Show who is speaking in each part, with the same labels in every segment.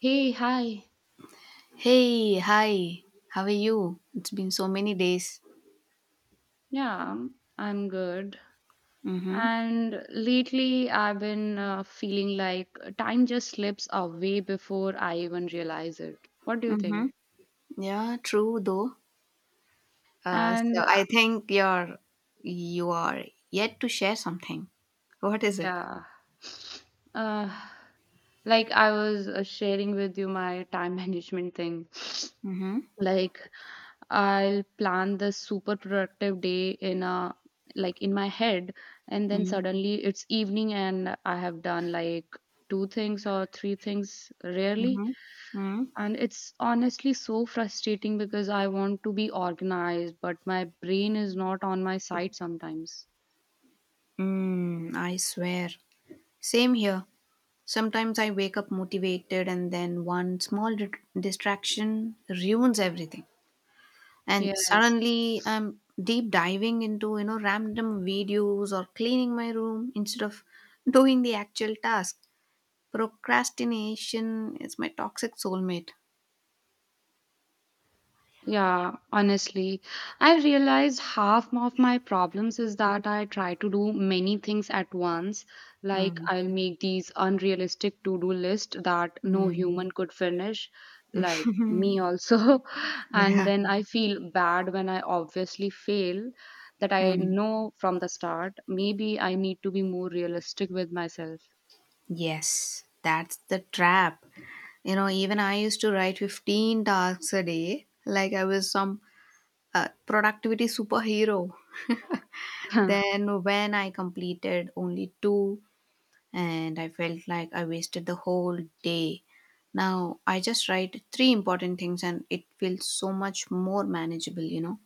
Speaker 1: Hey, hi.
Speaker 2: Hey, hi. How are you? It's been so many days.
Speaker 1: Yeah, I'm good.
Speaker 2: Mm-hmm.
Speaker 1: And lately, I've been feeling like time just slips away before I even realize it. What do you think?
Speaker 2: Mm-hmm. Yeah, true though. Uh,
Speaker 1: And
Speaker 2: so I
Speaker 1: uh,
Speaker 2: think you are yet to share something. What is it?
Speaker 1: yeah, uh, like I was sharing with you my time management thing.
Speaker 2: Mm-hmm.
Speaker 1: Like I'll plan this super productive day in a like in my head, and then suddenly it's evening and I have done like two things or three things rarely.
Speaker 2: Mm-hmm. Mm-hmm.
Speaker 1: And it's honestly so frustrating because I want to be organized but my brain is not on my side sometimes.
Speaker 2: Mm, I swear. Same here. Sometimes I wake up motivated and then one small distraction ruins everything. And
Speaker 1: Yes.
Speaker 2: suddenly I'm deep diving into random videos or cleaning my room instead of doing the actual task. Procrastination is my toxic soulmate.
Speaker 1: Yeah, honestly, I realize half of my problems is that I try to do many things at once. Like,
Speaker 2: Mm,
Speaker 1: I'll make these unrealistic to do list that no
Speaker 2: mm,
Speaker 1: human could finish, like me also. And
Speaker 2: yeah.
Speaker 1: then I feel bad when I obviously fail that I
Speaker 2: Mm,
Speaker 1: know from the start. Maybe I need to be more realistic with myself.
Speaker 2: yes, that's the trap. You know, even I used to write 15 tasks a day, like I was some productivity superhero. Then, when I completed only two, and I felt like I wasted the whole day. Now I just write three important things and it feels so much more manageable, you know?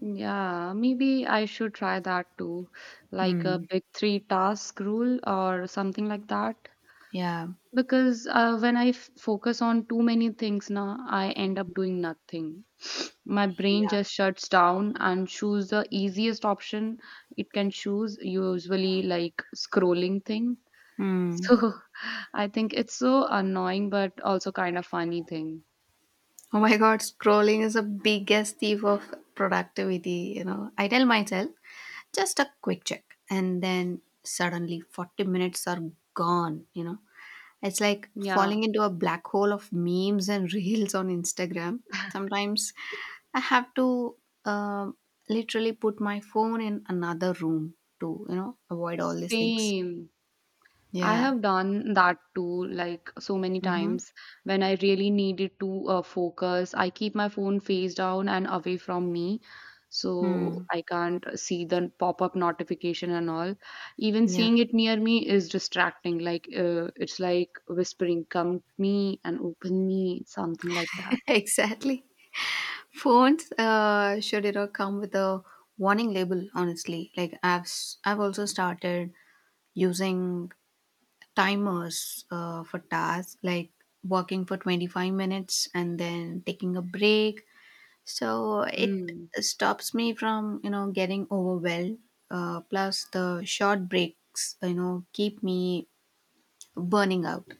Speaker 1: Yeah, maybe I should try that too, like a
Speaker 2: Hmm.
Speaker 1: big three task rule or something like that.
Speaker 2: Yeah.
Speaker 1: Because when I f focus on too many things now, I end up doing nothing. My brain
Speaker 2: Yeah.
Speaker 1: just shuts down and choose the easiest option it can choose, usually like scrolling thing.
Speaker 2: Hmm.
Speaker 1: So I think it's so annoying, but also kind of funny thing.
Speaker 2: Oh my god, scrolling is the biggest thief of productivity. I tell myself, just a quick check. And then suddenly 40 minutes are gone. It's like
Speaker 1: Yeah,
Speaker 2: falling into a black hole of memes and reels on Instagram. Sometimes I have to uh, literally put my phone in another room to, avoid all these things.
Speaker 1: same. I
Speaker 2: Yeah.
Speaker 1: have done that too, like so many
Speaker 2: Mm-hmm.
Speaker 1: times when I really needed to focus. I keep my phone face down and away from me so
Speaker 2: Hmm.
Speaker 1: I can't see the pop up notification and all. Even
Speaker 2: Yeah.
Speaker 1: seeing it near me is distracting, like it's like whispering, "Come me and open me," something like that.
Speaker 2: Exactly. Phones should, come with a warning label. Honestly, like I've also started using timers for tasks, like working for 25 minutes and then taking a break, so it
Speaker 1: Hmm.
Speaker 2: stops me from getting overwhelmed, plus the short breaks keep me burning out.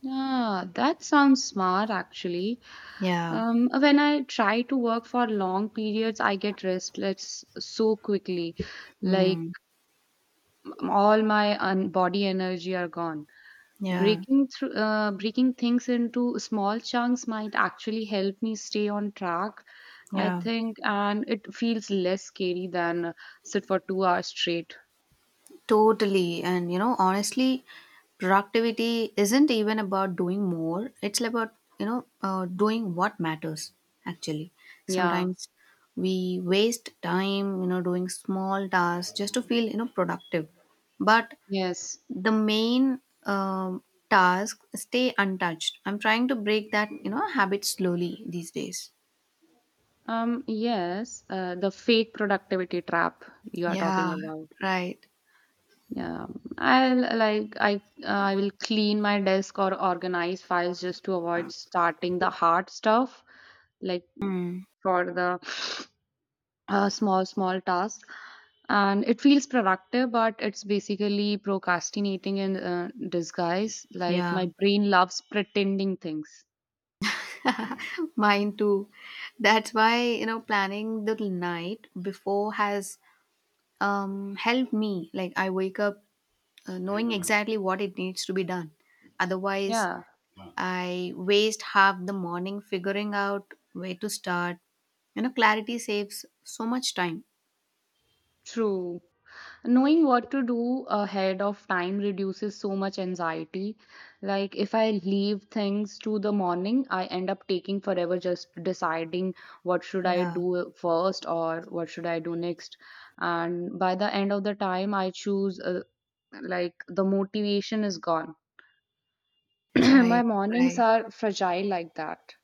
Speaker 1: Yeah, that sounds smart actually.
Speaker 2: Yeah.
Speaker 1: When I try to work for long periods, I get restless so quickly. Like
Speaker 2: Mm.
Speaker 1: all my body energy are gone.
Speaker 2: Yeah.
Speaker 1: Breaking things into small chunks might actually help me stay on track. I
Speaker 2: Yeah.
Speaker 1: think, and it feels less scary than sit for 2 hours straight.
Speaker 2: Totally, and honestly, productivity isn't even about doing more, it's about doing what matters. Actually,
Speaker 1: Yeah.
Speaker 2: sometimes we waste time doing small tasks just to feel productive, but
Speaker 1: Yes.
Speaker 2: the main um, task stay untouched. I'm trying to break that habit slowly these days.
Speaker 1: Yes. The fake productivity trap you are talking
Speaker 2: Yeah.
Speaker 1: about.
Speaker 2: Right.
Speaker 1: Yeah, I'll like I will clean my desk or organize files just to avoid starting the hard stuff, like
Speaker 2: Hmm.
Speaker 1: for the small small tasks. And it feels productive, but it's basically procrastinating in disguise. Like
Speaker 2: Yeah.
Speaker 1: my brain loves pretending things.
Speaker 2: Mine too. That's why planning the night before has helped me. Like I wake up knowing exactly what it needs to be done. Otherwise
Speaker 1: Yeah,
Speaker 2: I waste half the morning figuring out where to start. Clarity saves so much time.
Speaker 1: true. Knowing what to do ahead of time reduces so much anxiety. Like, if I leave things to the morning, I end up taking forever just deciding what should I
Speaker 2: Yeah.
Speaker 1: do first or what should I do next. And by the end of the time, I choose, like, the motivation is gone.
Speaker 2: Right,
Speaker 1: My mornings
Speaker 2: right.
Speaker 1: are fragile like that.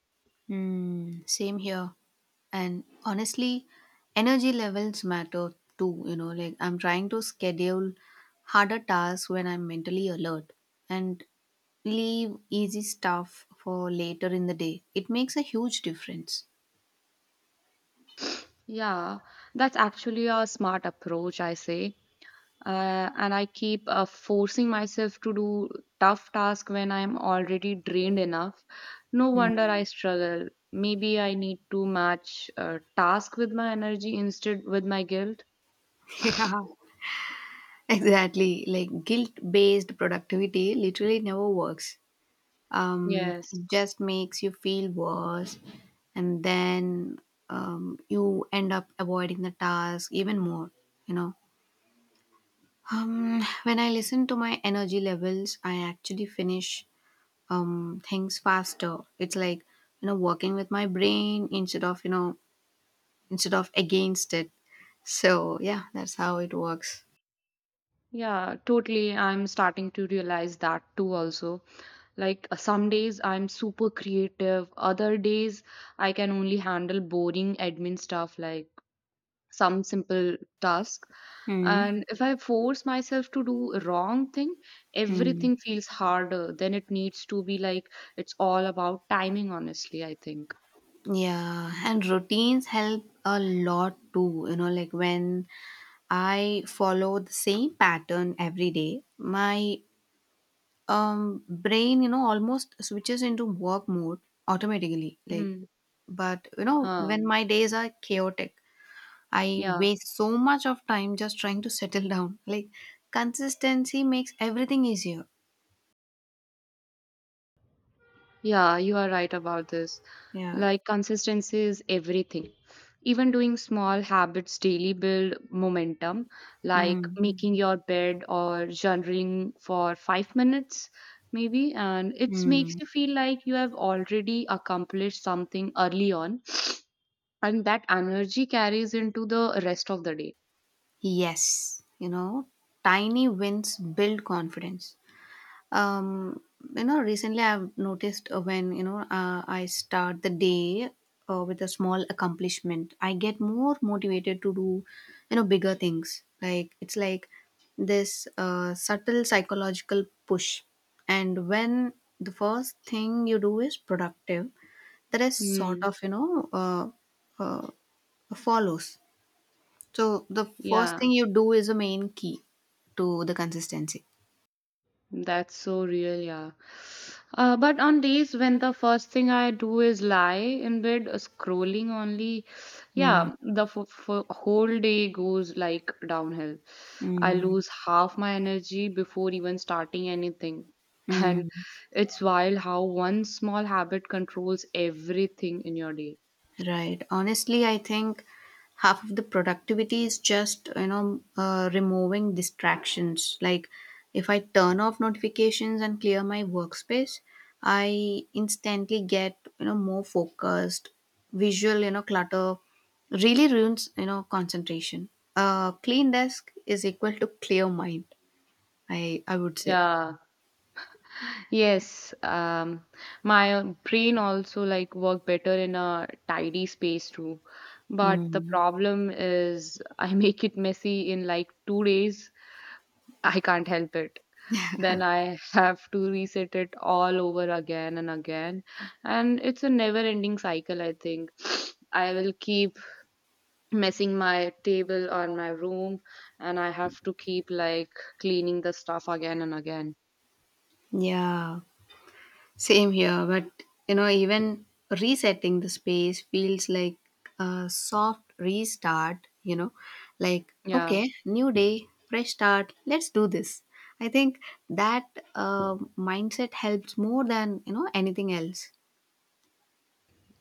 Speaker 2: Mm, same here. And honestly, energy levels matter too. Like I'm trying to schedule harder tasks when I'm mentally alert and leave easy stuff for later in the day. It makes a huge difference.
Speaker 1: Yeah, that's actually a smart approach, I say. And I keep forcing myself to do tough tasks when I'm already drained enough. No
Speaker 2: Mm.
Speaker 1: wonder I struggle. Maybe I need to match task with my energy instead with my guilt.
Speaker 2: Yeah, exactly. Like guilt based productivity literally never works. um,
Speaker 1: Yes.
Speaker 2: it just makes you feel worse. And then you end up avoiding the task even more. you know when I listen to my energy levels I actually finish things faster. It's like working with my brain instead of against it. So, yeah, that's how it works.
Speaker 1: Yeah, totally. I'm starting to realize that too, also. Like, some days I'm super creative, other days I can only handle boring admin stuff like some simple task.
Speaker 2: Hmm.
Speaker 1: And if I force myself to do a wrong thing,
Speaker 2: Hmm.
Speaker 1: everything feels harder than it needs to be, like it's all about timing, honestly, I think.
Speaker 2: Yeah, and routines help a lot too. Like when I follow the same pattern every day. My brain, almost switches into work mode automatically. Like,
Speaker 1: Mm.
Speaker 2: but when
Speaker 1: um
Speaker 2: my days are chaotic, I
Speaker 1: yeah
Speaker 2: waste so much of time just trying to settle down. Like, consistency makes everything easier.
Speaker 1: yeah, you are right about this.
Speaker 2: Yeah.
Speaker 1: Like consistency is everything. Even doing small habits daily build momentum, like
Speaker 2: Mm.
Speaker 1: making your bed or journaling for 5 minutes, maybe. And it
Speaker 2: Mm.
Speaker 1: makes you feel like you have already accomplished something early on, and that energy carries into the rest of the day.
Speaker 2: Yes. Tiny wins build confidence. Um, recently I've noticed, when, I start the day with a small accomplishment, I get more motivated to do, bigger things. Like, it's like this subtle psychological push. And when the first thing you do is productive, the rest sort
Speaker 1: Hmm.
Speaker 2: of, uh, follows. So the first
Speaker 1: Yeah.
Speaker 2: thing you do is a main key to the consistency.
Speaker 1: That's so real, yeah. But on days when the first thing I do is lie in bed, scrolling only,
Speaker 2: Mm,
Speaker 1: yeah, the f f whole day goes like downhill. I
Speaker 2: mm,
Speaker 1: lose half my energy before even starting anything. And
Speaker 2: mm.
Speaker 1: it's wild how one small habit controls everything in your day.
Speaker 2: Right. Honestly, I think half of the productivity is just, removing distractions. Like if I turn off notifications and clear my workspace, I instantly get, more focused. Visual, clutter really ruins, concentration. A clean desk is equal to clear mind, I would say.
Speaker 1: Yeah. Yes, my brain also like work better in a tidy space too. But the
Speaker 2: Hmm.
Speaker 1: problem is I make it messy in like 2 days. I can't help it. Then I have to reset it all over again and again. And it's a never-ending cycle, I think. I will keep messing my table or my room, and I have to keep like cleaning the stuff again and again.
Speaker 2: Yeah. Same here, but even resetting the space feels like a soft restart, like,
Speaker 1: Yeah.
Speaker 2: okay, new day, fresh start, let's do this. I think that mindset helps more than, anything else.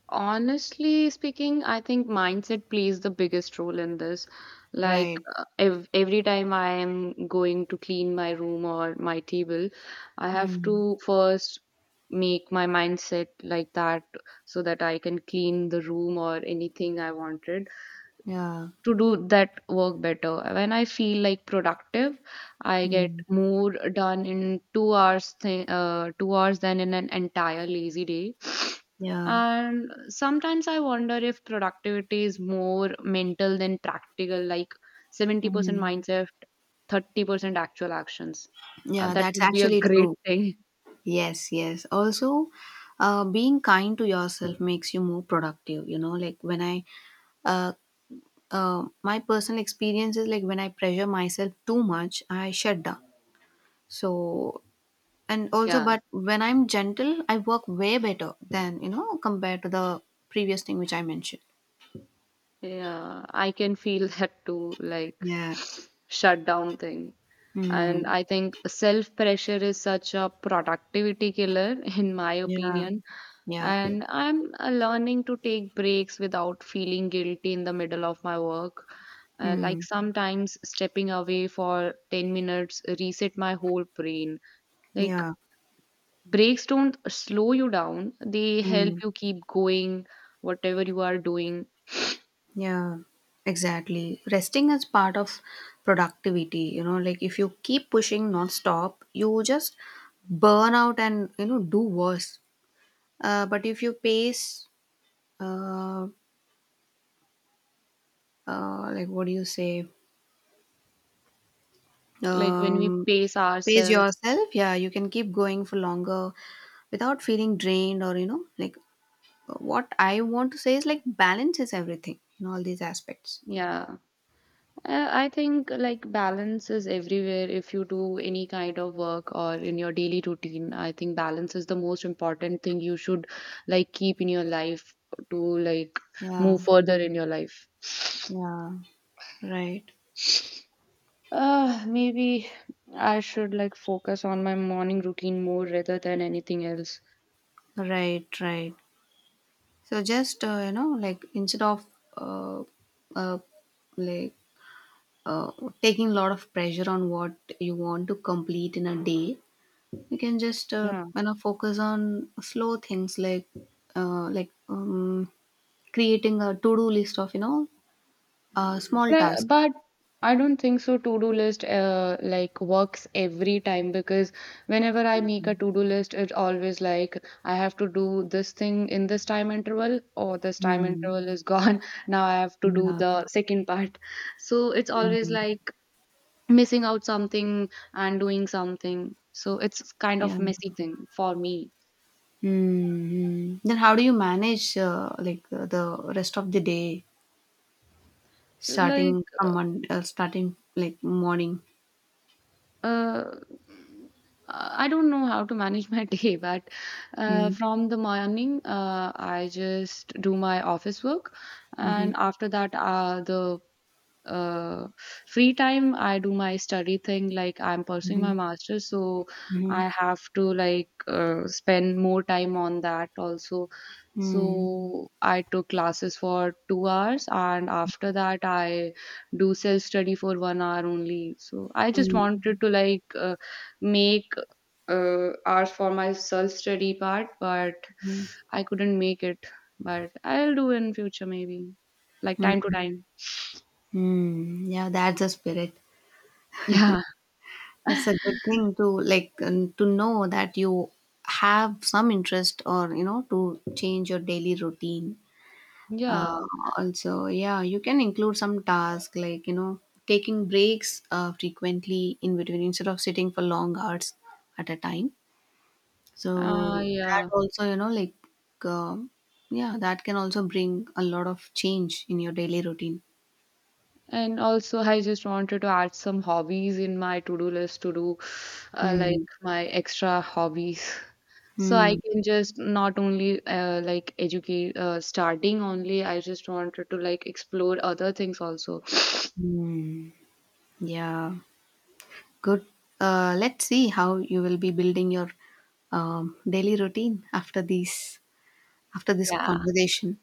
Speaker 1: Honestly speaking, I think mindset plays the biggest role in this. Like
Speaker 2: Right.
Speaker 1: ev every time I am going to clean my room or my table, I have
Speaker 2: Mm.
Speaker 1: to first make my mindset like that so that I can clean the room or anything I wanted
Speaker 2: Yeah.
Speaker 1: to do that work better. When I feel like productive, I get
Speaker 2: Mm.
Speaker 1: more done in 2 hours than in an entire lazy day.
Speaker 2: Yeah.
Speaker 1: And sometimes I wonder if productivity is more mental than practical, like 70%
Speaker 2: Mm.
Speaker 1: mindset, 30% actual actions.
Speaker 2: Yeah,
Speaker 1: That
Speaker 2: that's
Speaker 1: would be a
Speaker 2: actually
Speaker 1: great
Speaker 2: true.
Speaker 1: thing.
Speaker 2: Yes, yes. Also, being kind to yourself makes you more productive. You know, like when I uh, my personal experience is like when I pressure myself too much, I shut down. So, and also,
Speaker 1: Yeah,
Speaker 2: but when I'm gentle, I work way better than, compared to the previous thing which I mentioned.
Speaker 1: yeah, I can feel that too, like
Speaker 2: Yeah.
Speaker 1: shutdown thing. And
Speaker 2: Hmm.
Speaker 1: I think self pressure is such a productivity killer, in my
Speaker 2: Yeah.
Speaker 1: opinion.
Speaker 2: Yeah.
Speaker 1: And I'm learning to take breaks without feeling guilty in the middle of my work.
Speaker 2: Hmm.
Speaker 1: Like sometimes stepping away for 10 minutes reset my whole brain. Like
Speaker 2: Yeah.
Speaker 1: breaks don't slow you down, they help
Speaker 2: Mm,
Speaker 1: you keep going, whatever you are doing.
Speaker 2: yeah, exactly. Resting is part of productivity, like if you keep pushing non-stop, you just burn out and, do worse. But if you pace uh, like what do you say
Speaker 1: Like when
Speaker 2: um
Speaker 1: we pace
Speaker 2: pace
Speaker 1: ourselves,
Speaker 2: yourself, yeah, you can keep going for longer without feeling drained, or like, what I want to say is, like, balance is everything in all these aspects.
Speaker 1: yeah. I think like balance is everywhere. If you do any kind of work or in your daily routine, I think balance is the most important thing you should like keep in your life to like
Speaker 2: Yeah.
Speaker 1: move further in your life.
Speaker 2: Yeah. Right.
Speaker 1: Maybe I should like focus on my morning routine more rather than anything else.
Speaker 2: Right. Right. So, just instead of uh, uh like uh, taking a lot of pressure on what you want to complete in a day, you can just
Speaker 1: Yeah.
Speaker 2: focus on slow things, like like creating a to-do list of small
Speaker 1: Well,
Speaker 2: tasks.
Speaker 1: But I don't think so. To do list like works every time because whenever I make a to do list, it's always like I have to do this thing in this time interval, or this time
Speaker 2: Mm.
Speaker 1: interval is gone. Now I have to do
Speaker 2: Yeah.
Speaker 1: the second part. So it's always
Speaker 2: Mm.
Speaker 1: like missing out something and doing something. So it's kind
Speaker 2: Yeah.
Speaker 1: of messy thing for me.
Speaker 2: Hmm. Then how do you manage, like, the rest of the day,
Speaker 1: Like
Speaker 2: starting like morning?
Speaker 1: uh, I don't know how to manage my day, but
Speaker 2: Mm.
Speaker 1: from the morning, I just do my office work,
Speaker 2: Mm-hmm.
Speaker 1: and after that, the uh, free time I do my study thing, like I'm pursuing my
Speaker 2: Mm-hmm.
Speaker 1: master's, so
Speaker 2: Mm-hmm.
Speaker 1: I have to like spend more time on that also.
Speaker 2: Mm-hmm.
Speaker 1: So I took classes for 2 hours, and after that I do self study for 1 hour only. So I just
Speaker 2: Mm-hmm.
Speaker 1: wanted to like make hours for my self study part, but
Speaker 2: Mm,
Speaker 1: I couldn't make it. But I'll do in future maybe, like time to
Speaker 2: Mm.
Speaker 1: time.
Speaker 2: Mm. Yeah, that's the spirit.
Speaker 1: Yeah.
Speaker 2: That's a good thing to know that you have some interest or to change your daily routine.
Speaker 1: Yeah,
Speaker 2: Uh, also, yeah, you can include some task, like taking breaks frequently in between, instead of sitting for long hours at a time.
Speaker 1: uh,
Speaker 2: So that
Speaker 1: yeah.
Speaker 2: also, um yeah, that can also bring a lot of change in your daily routine.
Speaker 1: And also, I just wanted to add some hobbies in my to-do list to do, like
Speaker 2: Hmm.
Speaker 1: my extra hobbies. So I
Speaker 2: Hmm.
Speaker 1: can just not only like educate, starting only, I just wanted to like explore other things also.
Speaker 2: Hmm. Yeah. Good. Let's see how you will be building your daily routine after these after this
Speaker 1: Yeah.
Speaker 2: conversation.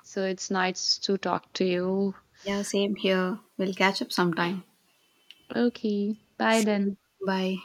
Speaker 1: So it's nice to talk to you.
Speaker 2: Yeah, same here. We'll catch up sometime.
Speaker 1: Okay. Bye
Speaker 2: See you.
Speaker 1: then.
Speaker 2: Bye.